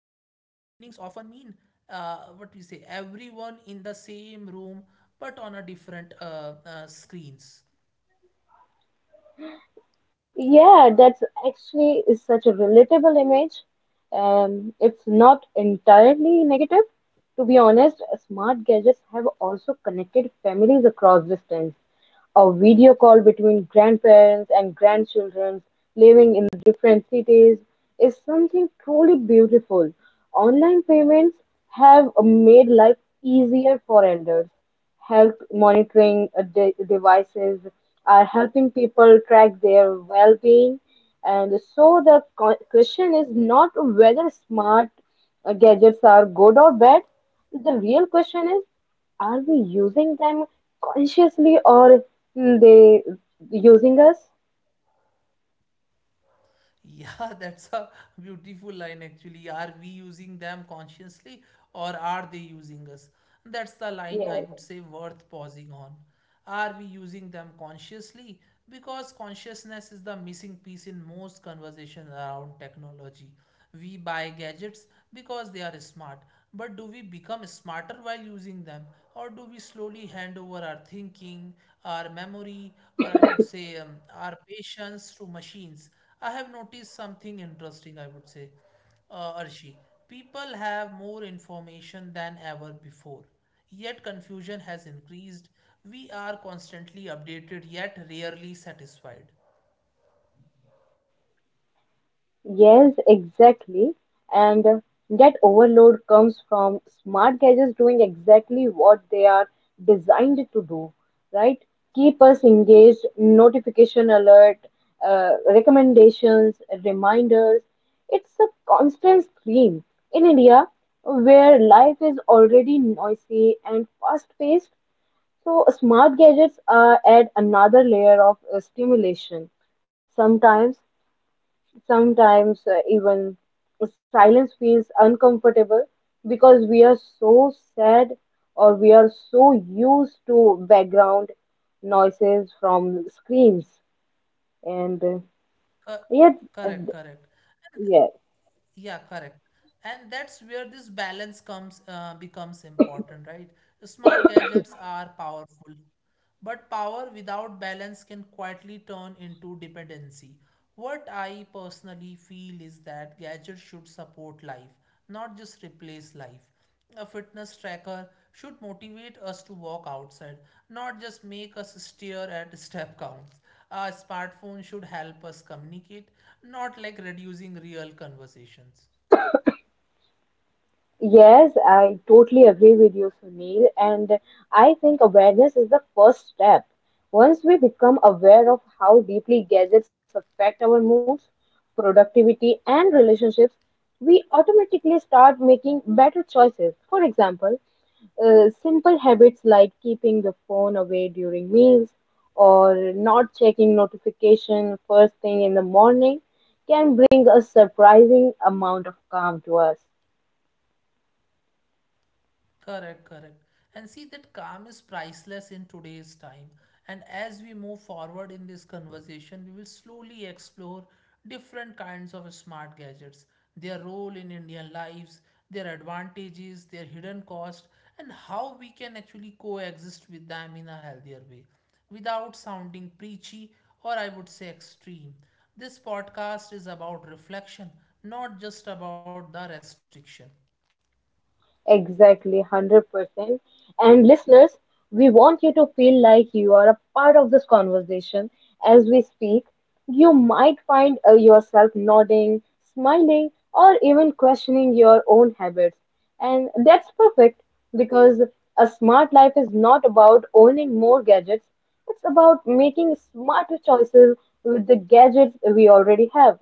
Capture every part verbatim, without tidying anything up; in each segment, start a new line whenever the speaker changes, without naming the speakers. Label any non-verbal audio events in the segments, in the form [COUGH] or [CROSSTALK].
evenings often mean, uh, what we say, everyone in the same room but on a different uh, uh, screens.
Yeah, that's actually is such a relatable image. Um, it's not entirely negative. To be honest, smart gadgets have also connected families across distance. A video call between grandparents and grandchildren living in different cities is something truly beautiful. Online payments have made life easier for elders. Health monitoring uh, de- devices are helping people track their well being. And so the co- question is not whether smart uh, gadgets are good or bad. The real question is, are we using them consciously or mm, they using us?
Yeah, [LAUGHS] that's a beautiful line actually. Are we using them consciously or are they using us? That's the
Yes.
line, I would say, worth pausing on. Are we using them consciously? Because consciousness is the missing piece in most conversations around technology. We buy gadgets because they are smart, but do we become smarter while using them? Or do we slowly hand over our thinking, our memory, or I would say, um, our patience to machines? I have noticed something interesting, I would say, uh, Arshi. People have more information than ever before, yet confusion has increased. We are constantly updated, yet rarely satisfied.
Yes, exactly. And uh, that overload comes from smart gadgets doing exactly what they are designed to do, right? Keep us engaged, notification alert, uh, recommendations, reminders. It's a constant stream. In India, where life is already noisy and fast-paced, so smart gadgets uh, add another layer of uh, stimulation. Sometimes Sometimes uh, even silence feels uncomfortable because we are so sad or we are so used to background noises from screens and uh,
Cor-
yet uh,
correct, correct.
yeah
And yeah, correct. And that's where this balance comes uh, becomes important, right? Smart gadgets are powerful, but power without balance can quietly turn into dependency. What I personally feel is that gadgets should support life, not just replace life. A fitness tracker should motivate us to walk outside, not just make us stare at [LAUGHS] step counts. A smartphone should help us communicate, not like reducing real conversations.
Yes, I totally agree with you, Sunil. And I think awareness is the first step. Once we become aware of how deeply gadgets affect our moods, productivity, and relationships, we automatically start making better choices. For example, uh, simple habits like keeping the phone away during meals or not checking notification first thing in the morning can bring a surprising amount of calm to us.
Correct, correct. And see, that calm is priceless in today's time. And as we move forward in this conversation, we will slowly explore different kinds of smart gadgets, their role in Indian lives, their advantages, their hidden cost, and how we can actually coexist with them in a healthier way without sounding preachy or, I would say, extreme. This podcast is about reflection, not just about the restriction.
Exactly, one hundred percent. And listeners, we want you to feel like you are a part of this conversation as we speak. You might find uh, yourself nodding, smiling, or even questioning your own habits. And that's perfect because a smart life is not about owning more gadgets, it's about making smarter choices with the gadgets we already have.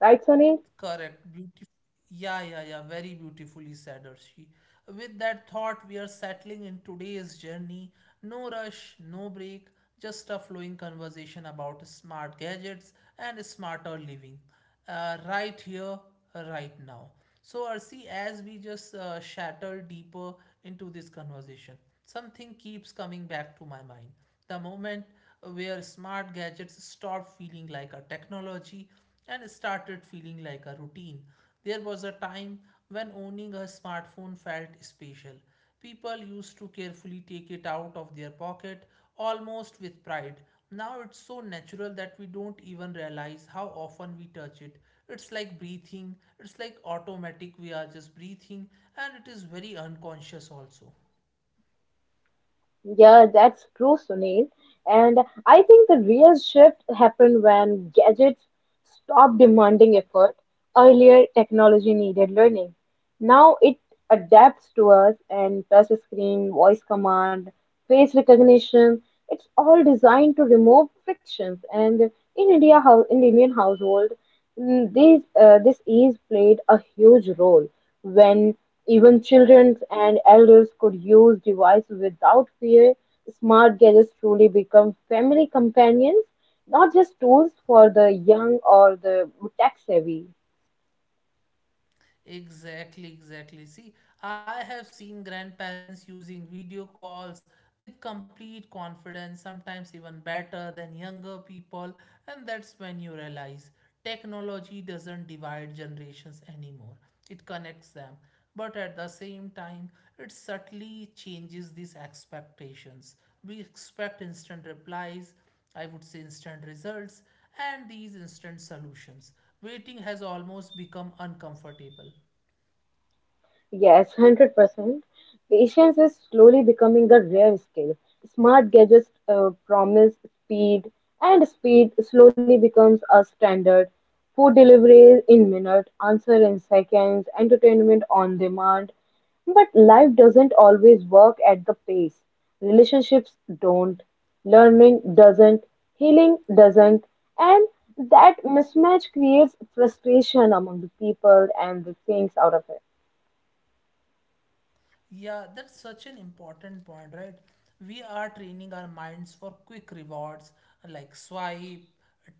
Right, Sunil?
Correct, beautiful. Yeah, yeah, yeah. Very beautifully said, Arshi. With that thought, we are settling in today's journey. No rush, no break, just a flowing conversation about smart gadgets and smarter living. Uh, right here, right now. So, Arshi, as we just uh, shatter deeper into this conversation, something keeps coming back to my mind. The moment where smart gadgets stopped feeling like a technology and started feeling like a routine. There was a time when owning a smartphone felt special. People used to carefully take it out of their pocket, almost with pride. Now it's so natural that we don't even realize how often we touch it. It's like breathing, it's like automatic, we are just breathing, and it is very unconscious also.
Yeah, that's true, Sunil. And I think the real shift happened when gadgets stopped demanding effort. Earlier, technology needed learning. Now it adapts to us and touch screen, voice command, face recognition. It's all designed to remove frictions. And in India, hou- in Indian household, Mm, This, uh, this ease played a huge role when even children and elders could use device without fear. Smart gadgets truly become family companions, not just tools for the young or the tech savvy.
Exactly, exactly. See, I have seen grandparents using video calls with complete confidence, sometimes even better than younger people, and that's when you realize technology doesn't divide generations anymore. It connects them. But at the same time, it subtly changes these expectations. We expect instant replies, I would say instant results, and these instant solutions. Waiting has almost become uncomfortable.
Yes, one hundred percent. Patience is slowly becoming a rare skill. Smart gadgets uh, promise speed, and speed slowly becomes a standard. Food delivery in minutes, answer in seconds, entertainment on demand. But life doesn't always work at the pace. Relationships don't, learning doesn't, healing doesn't, and that mismatch creates frustration among the people and the things out of it.
Yeah, that's such an important point, right? We are training our minds for quick rewards, like swipe,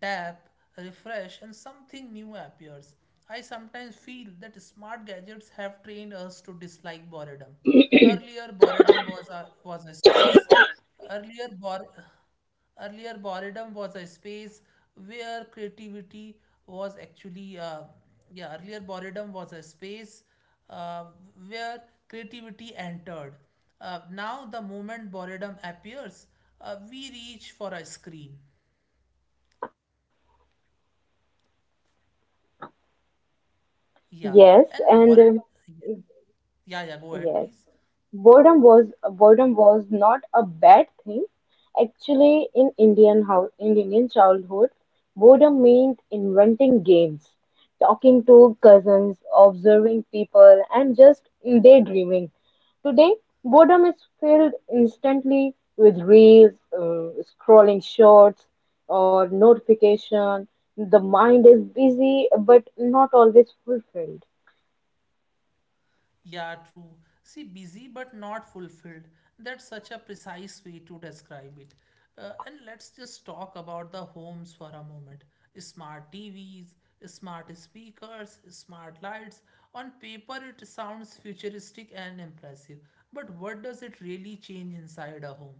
tap, refresh, and something new appears. I sometimes feel that smart gadgets have trained us to dislike boredom. Earlier, boredom was a was a space. Earlier, bore Earlier, boredom was a space where creativity was actually, uh, yeah, earlier, boredom was a space uh, where creativity entered. Uh, now, the moment boredom appears, uh, we reach for a screen. Yeah,
Yes, and
and
um,
boredom, yeah, yeah, yeah, go ahead,
yes,
please.
boredom was boredom was not a bad thing. Actually, in Indian house, in Indian childhood, boredom meant inventing games, talking to cousins, observing people, and just daydreaming. Today, boredom is filled instantly with reels, uh, scrolling shorts, or notification. The mind is busy, but not always fulfilled.
Yeah, true. See, busy but not fulfilled. That's such a precise way to describe it. Uh, and let's just talk about the homes for a moment. Smart T Vs, smart speakers, smart lights. On paper, it sounds futuristic and impressive. But what does it really change inside a home?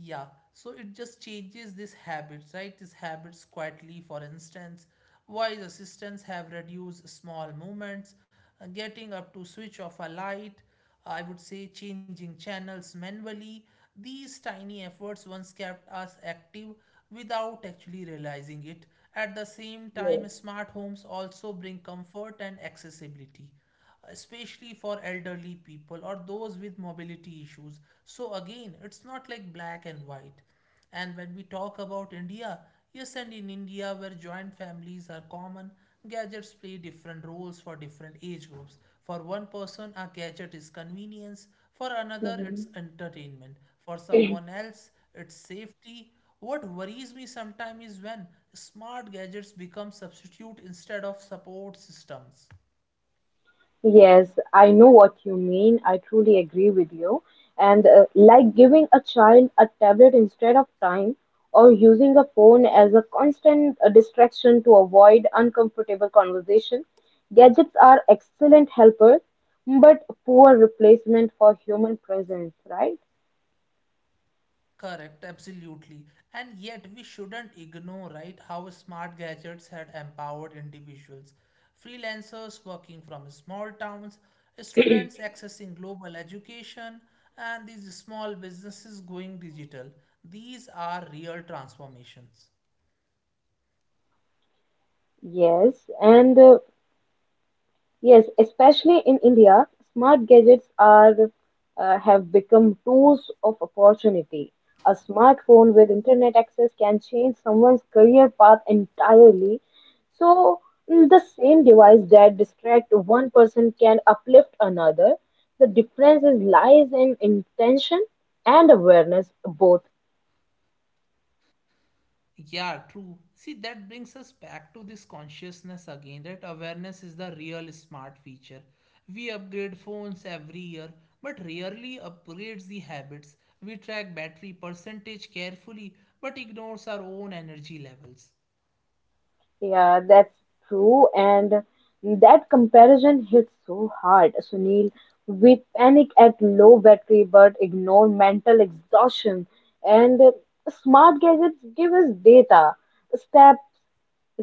Yeah, so it just changes these habits, right? These habits quietly, for instance, voice assistants have reduced small movements, uh, getting up to switch off a light, uh, I would say changing channels manually. These tiny efforts once kept us active without actually realizing it. At the same time,
Yes.
smart homes also bring comfort and accessibility, especially for elderly people or those with mobility issues. So, again, it's not like black and white. And when we talk about India, yes, and in India, where joint families are common, gadgets play different roles for different age groups. For one person, a gadget is convenience, for another,
Mhm.
it's entertainment, for someone else, it's safety. What worries me sometimes is when smart gadgets become substitute instead of support systems.
Yes, I know what you mean. I truly agree with you. And uh, like giving a child a tablet instead of time, or using a phone as a constant uh, distraction to avoid uncomfortable conversation, gadgets are excellent helpers, but poor replacement for human presence, right?
Correct, absolutely. And yet, we shouldn't ignore, right, how smart gadgets had empowered individuals. Freelancers working from small towns, students accessing global education, and these small businesses going digital. These are real transformations.
Yes, and uh, Yes, especially in India, smart gadgets are uh, have become tools of opportunity. A smartphone with internet access can change someone's career path entirely. So, mm, the same device that distract one person can uplift another. The difference is lies in intention and awareness both.
Yeah, true. See, that brings us back to this consciousness again, that awareness is the real smart feature. We upgrade phones every year, but rarely upgrades the habits. We track battery percentage carefully, but ignores our own energy levels.
Yeah, that's true, and that comparison hits so hard, Sunil. We panic at low battery but ignore mental exhaustion, and uh, smart gadgets give us data, steps,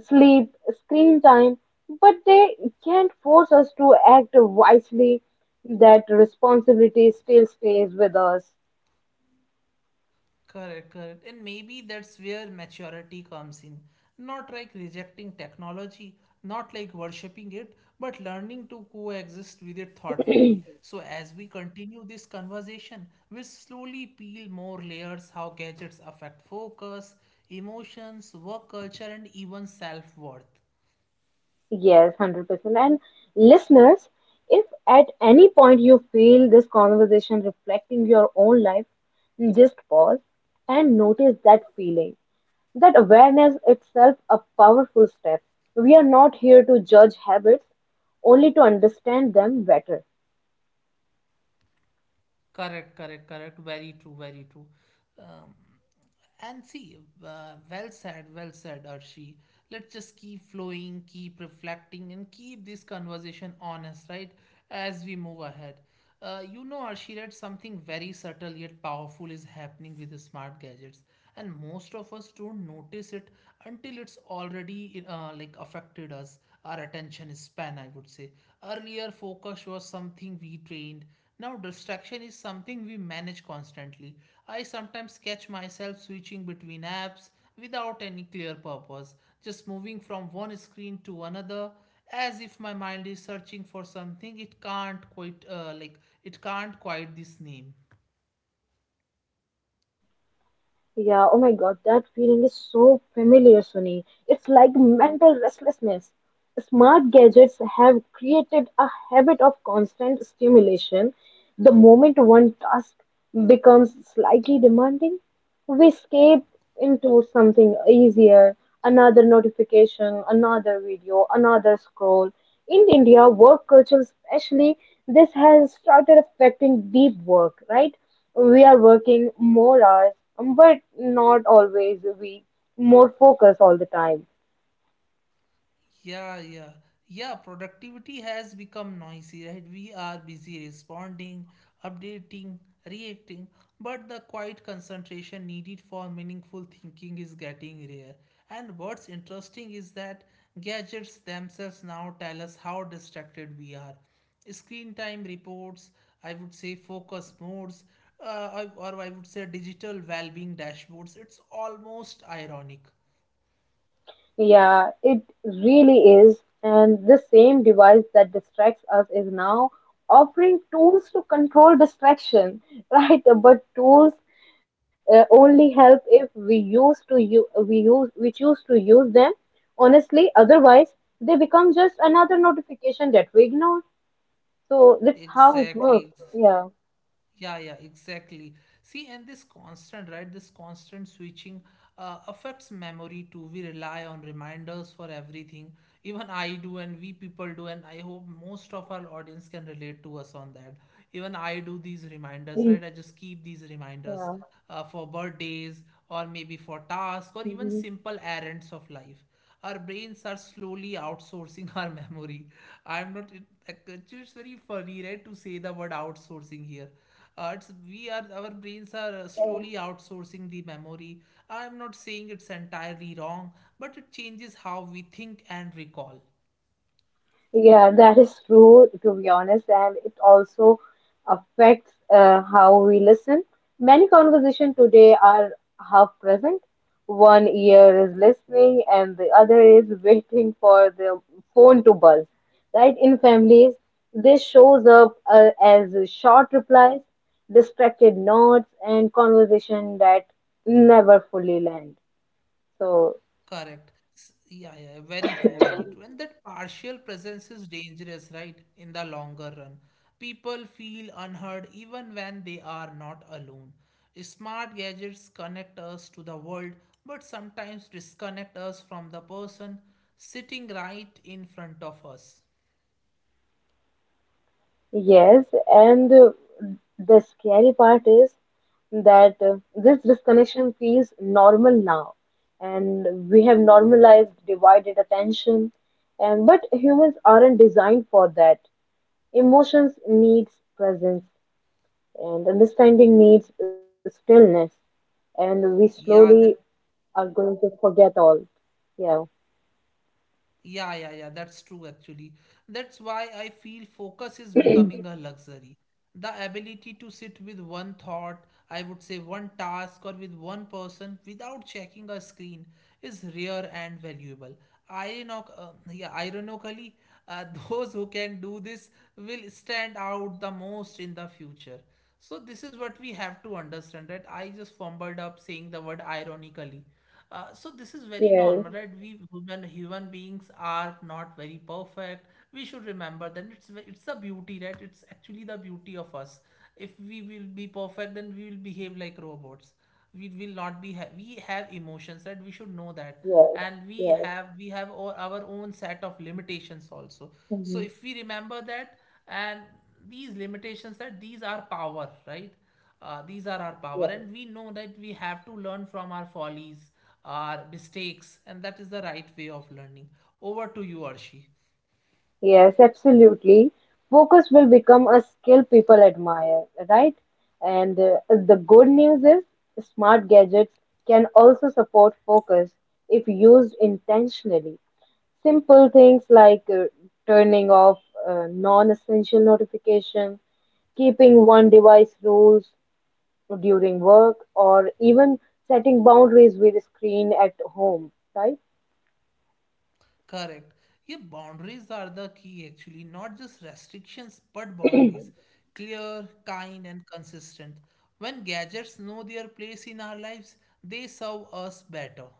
sleep, screen time, but they can't force us to act wisely. That responsibility still stays with us.
Correct, correct. And maybe that's where maturity comes in. Not like rejecting technology, not like worshipping it, but learning to coexist with it thoughtfully. So, as we continue this conversation, we'll slowly peel more layers how gadgets affect focus, emotions, work culture, and even self worth.
Yes, one hundred percent. And listeners, if at any point you feel this conversation reflecting your own life, just pause and notice that feeling. That awareness itself a powerful step. We are not here to judge habits, only to understand them better.
Correct, correct, correct. Very true, very true. And see, uh, well said, well said, Arshi. Let's just keep flowing, keep reflecting, and keep this conversation honest, right? As we move ahead. Uh, you know, Arshi, that something very subtle yet powerful is happening with the smart gadgets, and most of us don't notice it until it's already uh, like affected us, our attention span, I would say. Earlier, focus was something we trained, now, distraction is something we manage constantly. I sometimes catch myself switching between apps without any clear purpose, just moving from one screen to another as if my mind is searching for something it can't quite uh, like it can't quite this name.
Yeah, oh my god, that feeling is so familiar, Sunny. It's like mental restlessness. Smart gadgets have created a habit of constant stimulation. The moment one task becomes slightly demanding, we escape into something easier, another notification, another video, another scroll. In India, work culture especially, this has started affecting deep work, right? We are working more hours, um, but not always we more focus all the time.
Yeah, yeah. Yeah, productivity has become noisy, right? We are busy responding, updating, reacting, but the quiet concentration needed for meaningful thinking is getting rare. And what's interesting is that gadgets themselves now tell us how distracted we are. Screen time reports, I would say focus modes, uh, I- or I would say digital well being dashboards. It's almost ironic.
Yeah, it really is. And the same device that distracts us is now offering tools to control distraction, [LAUGHS] right? But tools uh, only help if we use to u- we use we choose to use them honestly. Otherwise, they become just another notification that we ignore. So that's how it works.
Exactly.
Yeah.
Yeah, yeah, exactly. See, and this constant, right? This constant switching uh, affects memory too. We rely on reminders for everything. Even I do, and we people do, and I hope most of our audience can relate to us on that. Even I do these reminders,
[CLEARS THROAT]
right? I just keep these reminders
Yeah.
uh, for birthdays or maybe for tasks or even
Mm-hmm.
simple errands of life. Our brains are slowly outsourcing [LAUGHS] our memory. I'm not, it, like, it's very funny, right, to say the word outsourcing here, uh, it's, we are our brains are uh, slowly outsourcing the memory. I'm not saying it's entirely wrong, but it changes how we think and recall.
Yeah, that is true, to be honest, and it also affects uh, how we listen. Many conversations today are half present. One ear is listening, and the other is [LAUGHS] waiting for the phone to buzz. Right? In families, this shows up uh, as short replies, distracted nods, and conversation that never fully land. So
Correct. S- Yeah, yeah, yeah, very true, very true. And that partial presence is dangerous, right? In the longer run, people feel unheard even when they are not alone. Smart gadgets connect us to the world, but sometimes disconnect us from the person sitting right in front of us.
Yes, and uh, the scary part is that uh, this disconnection feels normal now, and we have normalized divided attention, and but humans aren't designed for that. Emotions needs presence, and understanding needs stillness, and we slowly
Yeah, that
are going to forget all. Yeah.
Yeah, yeah, yeah, that's true actually. That's why I feel focus is becoming a luxury. The ability to sit with one thought, I would say one task, or with one person without checking a screen is rare and valuable. Ironic, uh, yeah, ironically, uh, [LAUGHS] those who can do this will stand out the most in the future. So, this is what we have to understand, right? I just fumbled up saying the word ironically uh, so this is very
Yeah.
normal, right? We human human beings are not very perfect. We should remember that it's ve- it's a beauty, right? It's actually the beauty of us. If we will be perfect, then we will behave like robots. We will not be. Ha- we have emotions, right? We should know that,
Yeah.
and we
Yeah.
have we have all our own set of limitations also. So
Mhm.
if we remember that, and these limitations, that these are power, right? Uh, these are our power, and we know that we have to learn from our follies, our mistakes, and that is the right way of learning. Over to you, Arshi.
Yes, absolutely. Focus will become a skill people admire, right? And uh, the good news is smart gadgets can also support focus if used intentionally. Simple things like uh, turning off uh, non-essential notifications, keeping one device rules during work, or even setting boundaries with screen at home, right?
Correct. Yeah, boundaries are the key actually, not just restrictions, but boundaries. Clear, kind, and consistent. When gadgets know their place in our lives, they serve us better.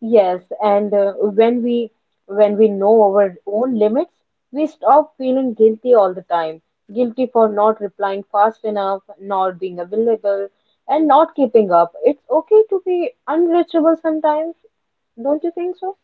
Yes, and uh, when we when we know our own limits, we stop feeling guilty all the time. Guilty for not replying fast enough, not being available, and not keeping up. It's okay to be unreachable sometimes, don't you think so?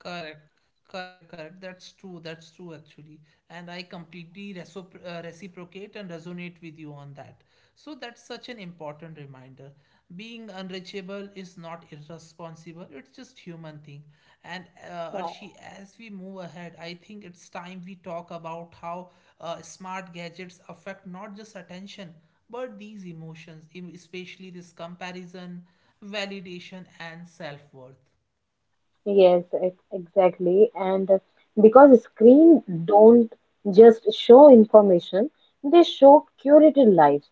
Correct, correct, correct. That's true. That's true, actually. And I completely recipro- uh, reciprocate and resonate with you on that. So that's such an important reminder. Being unreachable is not irresponsible. It's just human thing. And uh,
Wow.
Arshi, as we move ahead, I think it's time we talk about how uh, smart gadgets affect not just attention, but these emotions, em- especially this comparison, validation, and self-worth.
Yes, ex- exactly. And uh, because screen don't just show information, they show curated lives,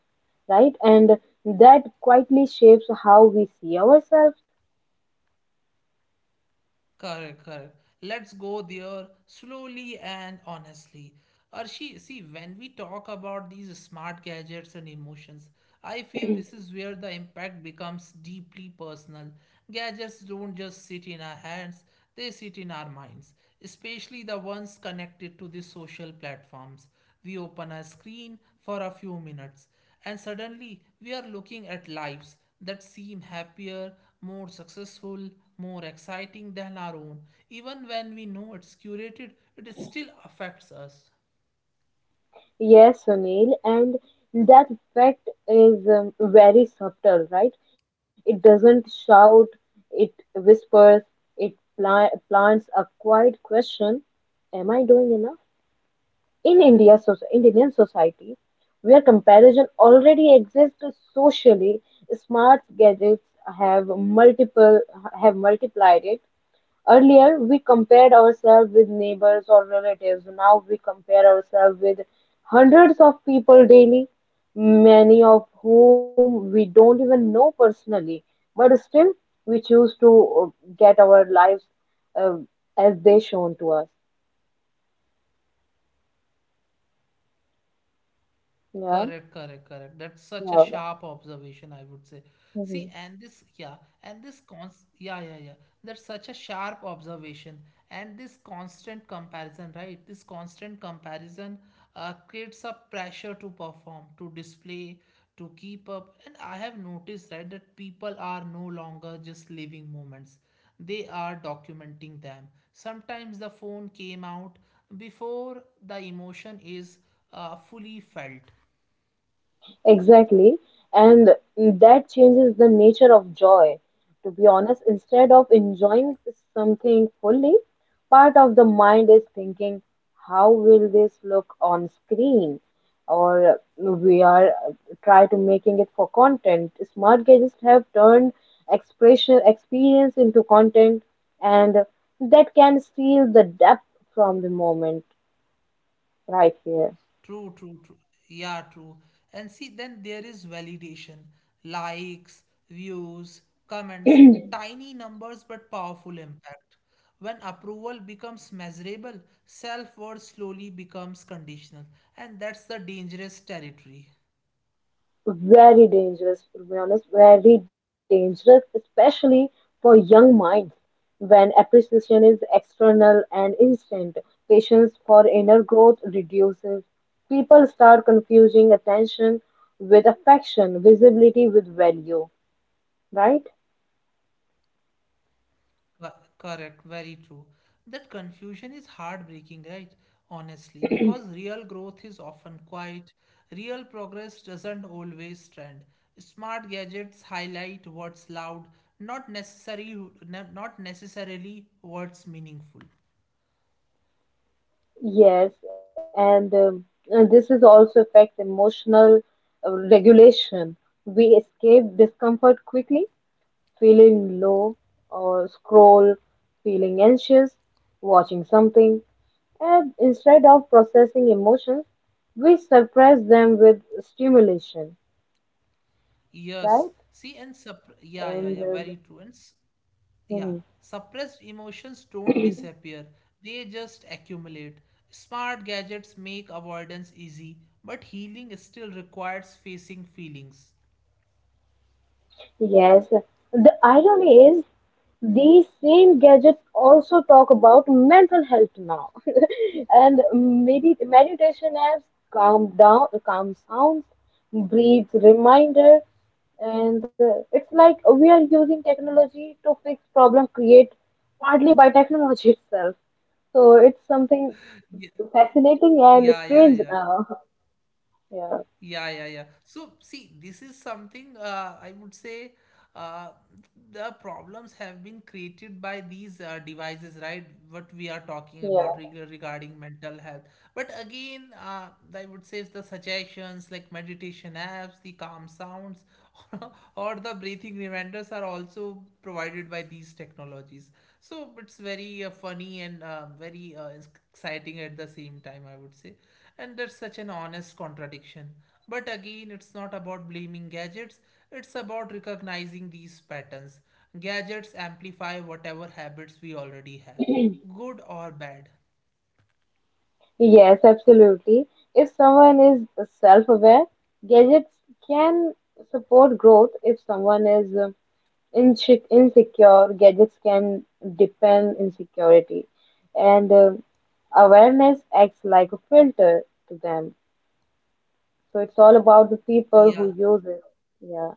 right? And that quietly shapes how we see ourselves.
Correct, correct. Let's go there slowly and honestly. Arshi, see, when we talk about these smart gadgets and emotions, I feel this is where the impact becomes deeply personal. Gadgets don't just sit in our hands, they sit in our minds, especially the ones connected to the social platforms. We open a screen for a few minutes, and suddenly we are looking at lives that seem happier, more successful, more exciting than our own. Even when we know it's curated, it still affects us.
Yes, Sunil, and that effect is um, very subtle, right? It doesn't shout, it whispers, it pla- plants a quiet question. Am I doing enough? In India, so in Indian society, where comparison already exists socially, smart gadgets have multiple have multiplied it. Earlier, we compared ourselves with neighbors or relatives. Now we compare ourselves with hundreds of people daily, many of whom we don't even know personally. But still, we choose to uh, get our lives uh, as they shown to us. Yeah.
Correct, correct, correct. That's such a
Yeah.
sharp observation, I would say.
Mhm.
See, and this, yeah, and this cons, yeah, yeah, yeah. That's such a sharp observation, and this constant comparison, right? This constant comparison uh, creates a pressure to perform, to display, to keep up. And I have noticed, right, that people are no longer just living moments; they are documenting them. Sometimes the phone came out before the emotion is uh, fully felt.
Exactly. And that changes the nature of joy. To be honest, instead of enjoying something fully, part of the mind is thinking, how will this look on screen? Or we are try to making it for content. Smart gadgets have turned expression experience into content, and that can steal the depth from the moment right here.
True, true, true. Yeah, true. And see, then there is validation, likes, views, comments, tiny numbers but powerful impact. When approval becomes measurable, self worth slowly becomes conditional, and that's the dangerous territory.
Very dangerous, to be honest, very dangerous, especially for young minds. When appreciation is external and instant, patience for inner growth reduces. People start confusing attention with affection, visibility with value, right?
Co- Correct, very true. That confusion is heartbreaking, right? Honestly, because real growth is often quiet, real progress doesn't always trend. Smart gadgets highlight what's loud, not necessary, not necessarily what's meaningful.
Yes, and, um, and this is also affects emotional uh, regulation. We escape discomfort quickly feeling low or scroll, feeling anxious, watching something, and instead of processing emotions, we suppress them with stimulation, right?
Yes. See, and sup Yeah, yeah,
And
yeah, very true. And s-
uh,
Yeah, suppressed emotions don't disappear, they just accumulate. Smart gadgets make avoidance easy, but healing still requires facing feelings.
Yes, the irony is these same gadgets also talk about mental health now. [LAUGHS] And medi meditation apps, calm down, calm sounds, breathe reminder, and uh, it's like we are using technology to fix problem create partly by technology [LAUGHS] itself. So it's something
[LAUGHS]
fascinating and
Yeah. Yeah, yeah,
strange
yeah.
now. [LAUGHS]
Yeah, yeah, yeah. So, see, this is something uh, I would say uh, the problems have been created by these uh, devices, right? What we are talking
Yeah,
about reg- regarding mental health. But again, uh, I would say the suggestions like meditation apps, the calm sounds, [LAUGHS] or or the breathing reminders are also provided by these technologies. So, it's very uh, funny and uh, very uh, exciting at the same time, I would say. And that's such an honest contradiction. But again, it's not about blaming gadgets, it's about recognizing these patterns. Gadgets amplify whatever habits we already have, good or bad.
yes, absolutely. If someone is self-aware, gadgets can support growth. If someone is uh, inse- insecure, gadgets can deepen insecurity. And uh, Awareness acts like a filter to them. So it's all about the people who
Yeah.
use it. Yeah.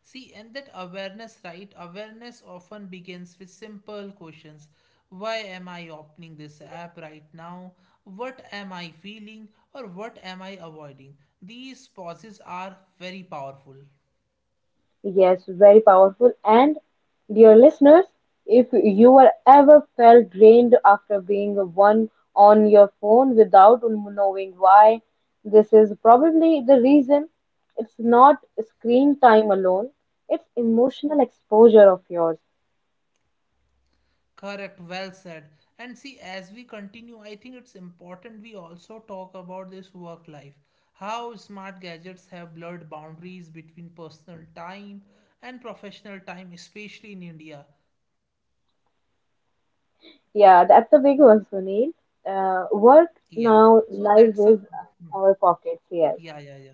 See, and that awareness, right? Awareness often begins with simple questions. Why am I opening this app right now? What am I feeling or what am I avoiding? These pauses are very powerful.
Yes, very powerful. And dear listeners, if you are ever felt drained after being one on your phone without knowing why, this is probably the reason. It's not screen time alone, it's emotional exposure of yours.
Correct, well said. And see, as we continue, I think it's important we also talk about this work life. How smart gadgets have blurred boundaries between personal time and professional time, especially in India.
Yeah, that's a big one, Sunil. Uh, work
Yeah.
now
So
lies
that's a
with our pockets here.
Yeah, yeah, yeah.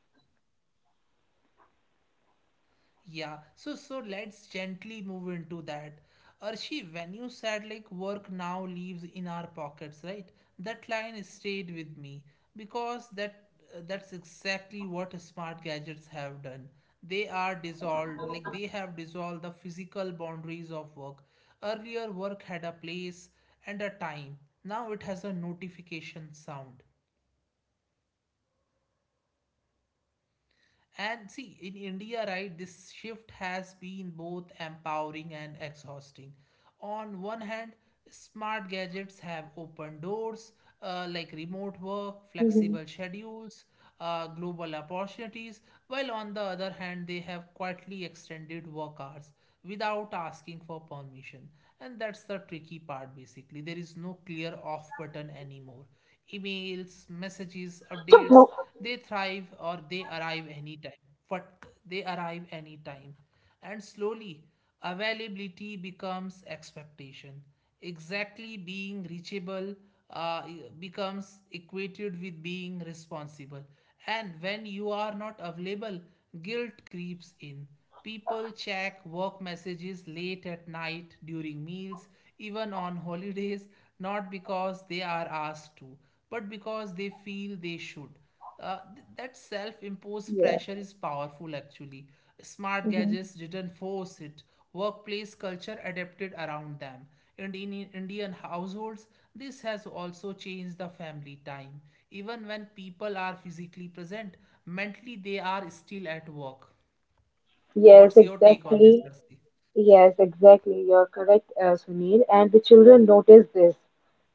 Yeah, so so let's gently move into that. Arshi, when you said like work now lives in our pockets, right? That line stayed with me because that uh, that's exactly what smart gadgets have done. They are dissolved, like they have dissolved the physical boundaries of work. Earlier, work had a place and a time. Now it has a notification sound. And see, in India, right, this shift has been both empowering and exhausting. On one hand, smart gadgets have opened doors uh, like remote work,
Mhm.
flexible schedules, uh, global opportunities, while on the other hand, they have quietly extended work hours without asking for permission. And that's the tricky part basically. There is no clear off button anymore emails, messages,
So,
updates.
bro-
They thrive or they arrive anytime. But they arrive anytime. And slowly, availability becomes expectation. Exactly being reachable uh, e, becomes equated with being responsible. And when you are not available, guilt creeps in. People check work messages late at night, during meals, even on holidays, not because they are asked to, but because they feel they should. Uh, th- that self imposed
yeah.
pressure is powerful actually. Smart
Mhm.
gadgets didn't force it, workplace culture adapted around them. And in I- Indian households, this has also changed the family time. Even when people are physically present, mentally they are still at work.
Yes,
What's your take on this,
exactly.
Narsi?
Yes, exactly. You're correct, uh, Sunil. And the children notice this,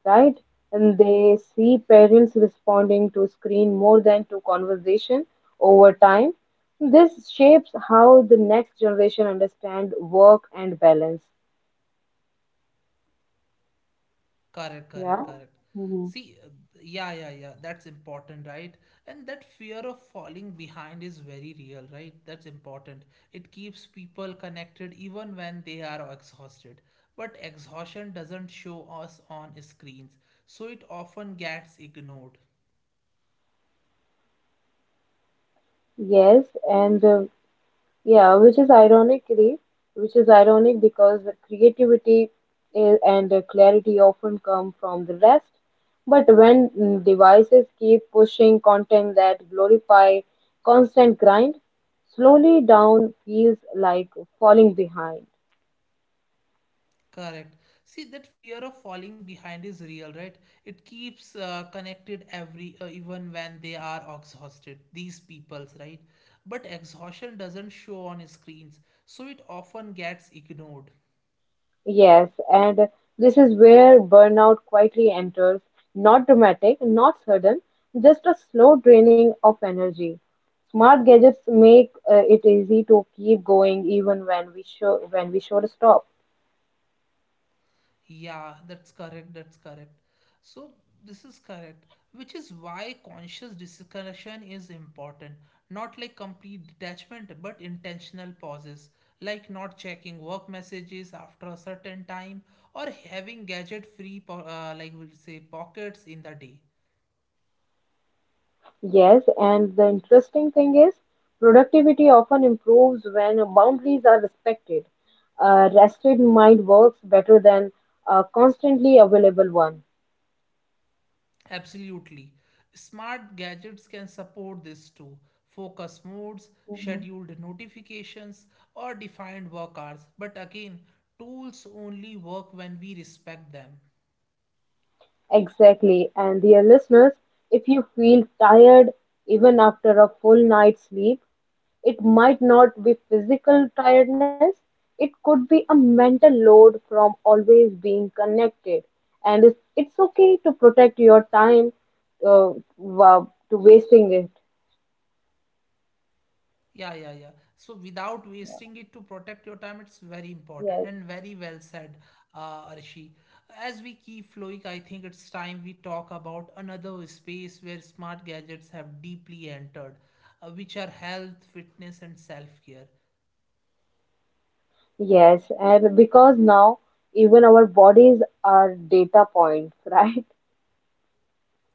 right? And they see parents responding to screen more than to conversation over time. This shapes how the next generation understand work and balance.
Correct, correct,
Yeah.
correct.
hmm
See, uh, yeah, yeah, yeah, that's important, right? And that fear of falling behind is very real, right? That's important. It keeps people connected even when they are exhausted. But exhaustion doesn't show us on screens, so it often gets ignored.
Yes, and uh, yeah, which is ironically, which is ironic because the creativity i- and the clarity often come from the rest. But when mm, devices keep pushing content that glorify constant grind, slowly down feels like falling behind.
Correct. See, that fear of falling behind is real, right? It keeps uh, connected every, uh, even when they are exhausted, these peoples, right? But exhaustion doesn't show on screens, so it often gets ignored.
Yes, and this is where burnout quietly enters. Not dramatic, not sudden, just a slow draining of energy. Smart gadgets make uh, it easy to keep going even when we show when we should stop.
Yeah, that's correct. That's correct. So this is correct, which is why conscious disconnection is important. Not like complete detachment, but intentional pauses, like not checking work messages after a certain time or having gadget-free, po- uh, like we'll say, pockets in the day.
Yes, and the interesting thing is productivity often improves when boundaries are respected. A rested mind works better than a constantly available one.
Absolutely. Smart gadgets can support this too. Focus modes, scheduled notifications, or defined work hours. But again, tools only work when we respect them.
Exactly. And dear listeners, if you feel tired even after a full night's sleep, it might not be physical tiredness, it could be a mental load from always being connected. And it's, it's okay to protect your time uh, wa- to wasting it.
Yeah, yeah, yeah. So without wasting it to protect your time, it's very important
Yes.
and very well said, uh, Arshi. As we keep flowing, I think it's time we talk about another space where smart gadgets have deeply entered, uh, which are health, fitness, and self care.
Yes, and because now even our bodies are data points, [LAUGHS] right?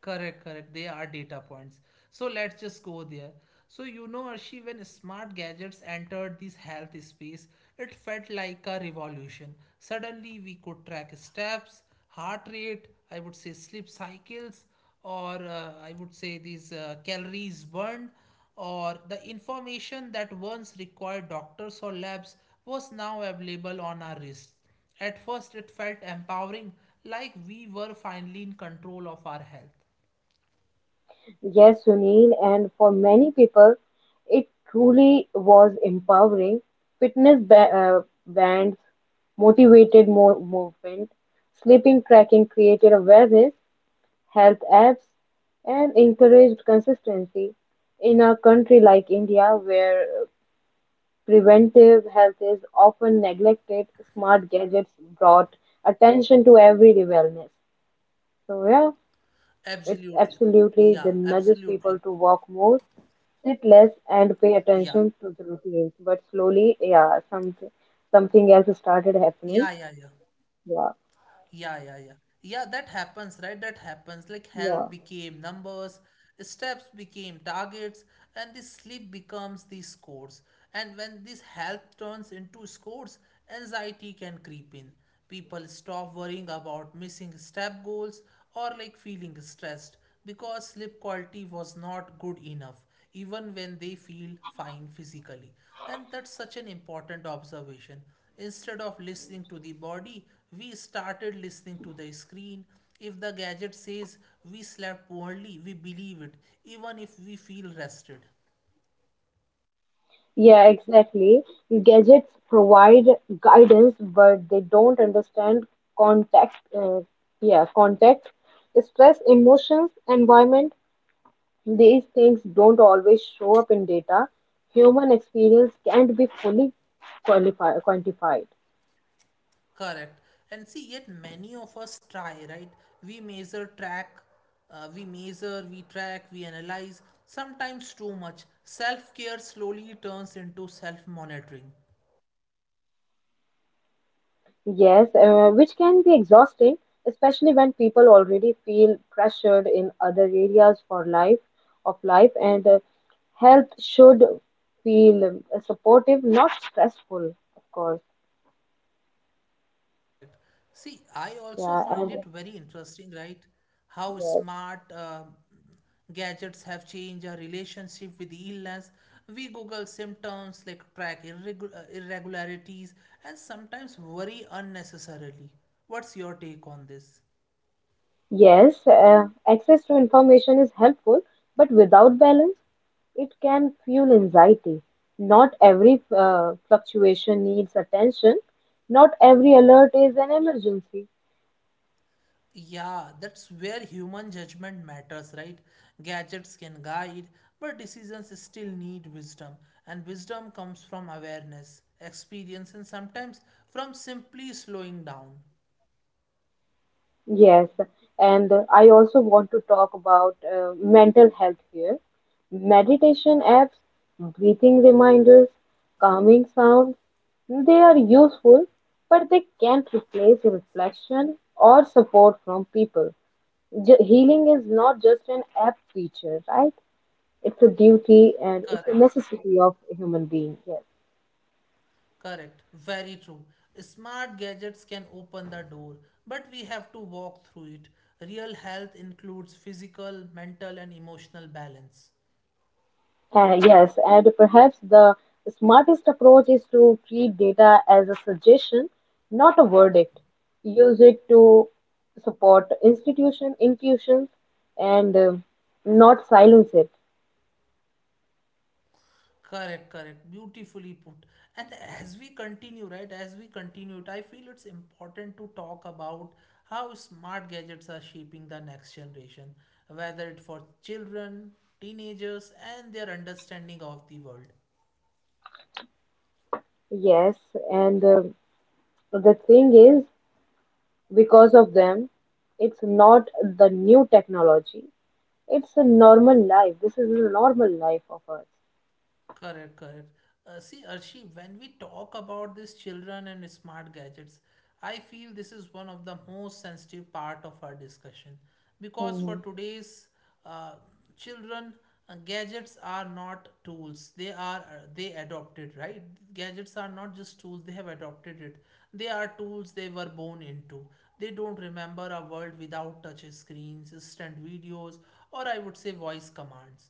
Correct, correct. They are data points. So let's just go there. So you know, Arshi, when smart gadgets entered this health space, it felt like a revolution. Suddenly, we could track steps, heart rate, I would say sleep cycles, or uh, I would say these uh, calories burned, or the information that once required doctors or labs was now available on our wrists. At first, it felt empowering, like we were finally in control of our health.
Yes, Sunil, and for many people, it truly was empowering. Fitness ba- uh, bands, motivated mo- movement, sleeping tracking created awareness, health apps, and encouraged consistency. In a country like India, where preventive health is often neglected, smart gadgets brought attention to everyday wellness. So, yeah, it
Absolutely.
absolutely
Yeah,
the nudges
absolutely.
people to walk more, sit less and pay
Yeah.
attention to the routines. But slowly, yeah, something something else started happening.
Yeah, yeah, yeah.
Yeah.
Yeah, yeah, yeah. Yeah, that happens, right? That happens. Like health
Yeah.
became numbers, steps became targets, and the sleep becomes the scores. And when this health turns into scores, anxiety can creep in. People stop worrying about missing step goals or like feeling stressed because sleep quality was not good enough even when they feel fine physically. And that's such an important observation. Instead of listening to the body, we started listening to the screen. If the gadget says we slept poorly, we believe it, even if we feel rested.
Yeah, exactly. Gadgets provide guidance, but they don't understand context. Uh, yeah, Context, stress, emotions, environment. These things don't always show up in data. Human experience can't be fully qualifi quantified.
Correct. And see, yet many of us try, right? We measure, track, uh, we measure, we track, we analyze, sometimes too much. Self care slowly turns into self monitoring.
Yes, uh, which can be exhausting, especially when people already feel pressured in other areas for life of life, and uh, help should feel um, supportive, not stressful, of course.
Correct. See, I also
Yeah,
find
and
it very interesting, right? How
yes,
smart um gadgets have changed our relationship with illness. We Google symptoms, like track irregu- uh, irregularities, and sometimes worry unnecessarily. What's your take on this?
yes, uh, access to information is helpful, but without balance, it can fuel anxiety. Not every uh, fluctuation needs attention. Not every alert is an emergency.
Yeah, that's where human judgment matters, right? Gadgets can guide, but decisions still need wisdom, and wisdom comes from awareness, experience, and sometimes from simply slowing down.
Yes, and I also want to talk about uh, mental health here. Meditation apps, breathing reminders, calming sounds, they are useful, but they can't replace reflection or support from people. J- healing is not just an app feature, right? It's a duty and it's a
Correct,
necessity of a human being. Yes.
correct, very true. Smart gadgets can open the door, but we have to walk through it. Real health includes physical, mental, and emotional balance.
Uh, yes, and perhaps the smartest approach is to treat data as a suggestion, not a verdict. Use it to support institution intuitions and uh, not silence it.
Correct, correct. Beautifully put. And as we continue, right, as we continue it, I feel it's important to talk about how smart gadgets are shaping the next generation, whether it for children, teenagers, and their understanding of the world.
Yes, and uh, the thing is, because of them, it's not the new technology. It's a normal life. This is a normal life of
Correct, correct. Uh, see, Arshi, when we talk about these children and smart gadgets, I feel this is one of the most sensitive part of our discussion because for
ours.
today's uh, children, uh, gadgets are not tools. They are uh, they adopted, right? Gadgets are not just tools. They have adopted it. They are tools they were born into. They don't remember a world without touch screens, instant videos, or I would say voice commands.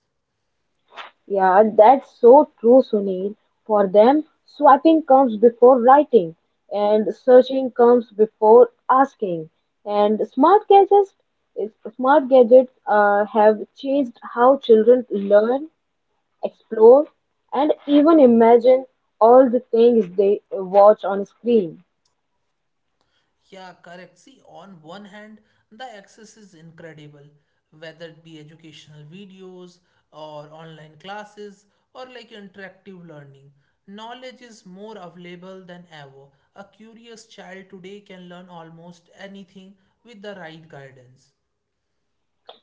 Yeah, that's so true, Sunil. For them, swiping comes before writing, and searching comes before asking. And smart gadgets, smart gadgets uh, have changed how children learn, explore, and even imagine all the things they watch on screen.
Yeah, correct. See, on one hand, the access is incredible, whether it be educational videos or online classes or like interactive learning. Knowledge is more available than ever. A curious child today can learn almost anything with the right guidance.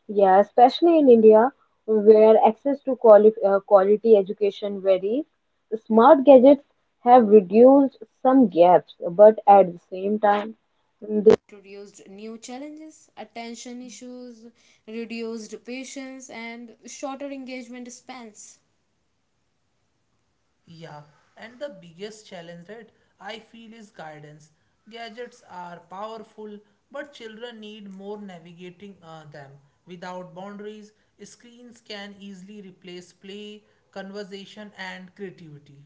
Yeah, especially in India, where access to quali- uh, quality education varies, smart gadgets have reduced some gaps, but at the same time,
Yeah, and the biggest challenge, right, I feel is guidance. Gadgets are powerful, but children need more navigating uh, them. Without boundaries, screens can easily replace play, conversation, and creativity.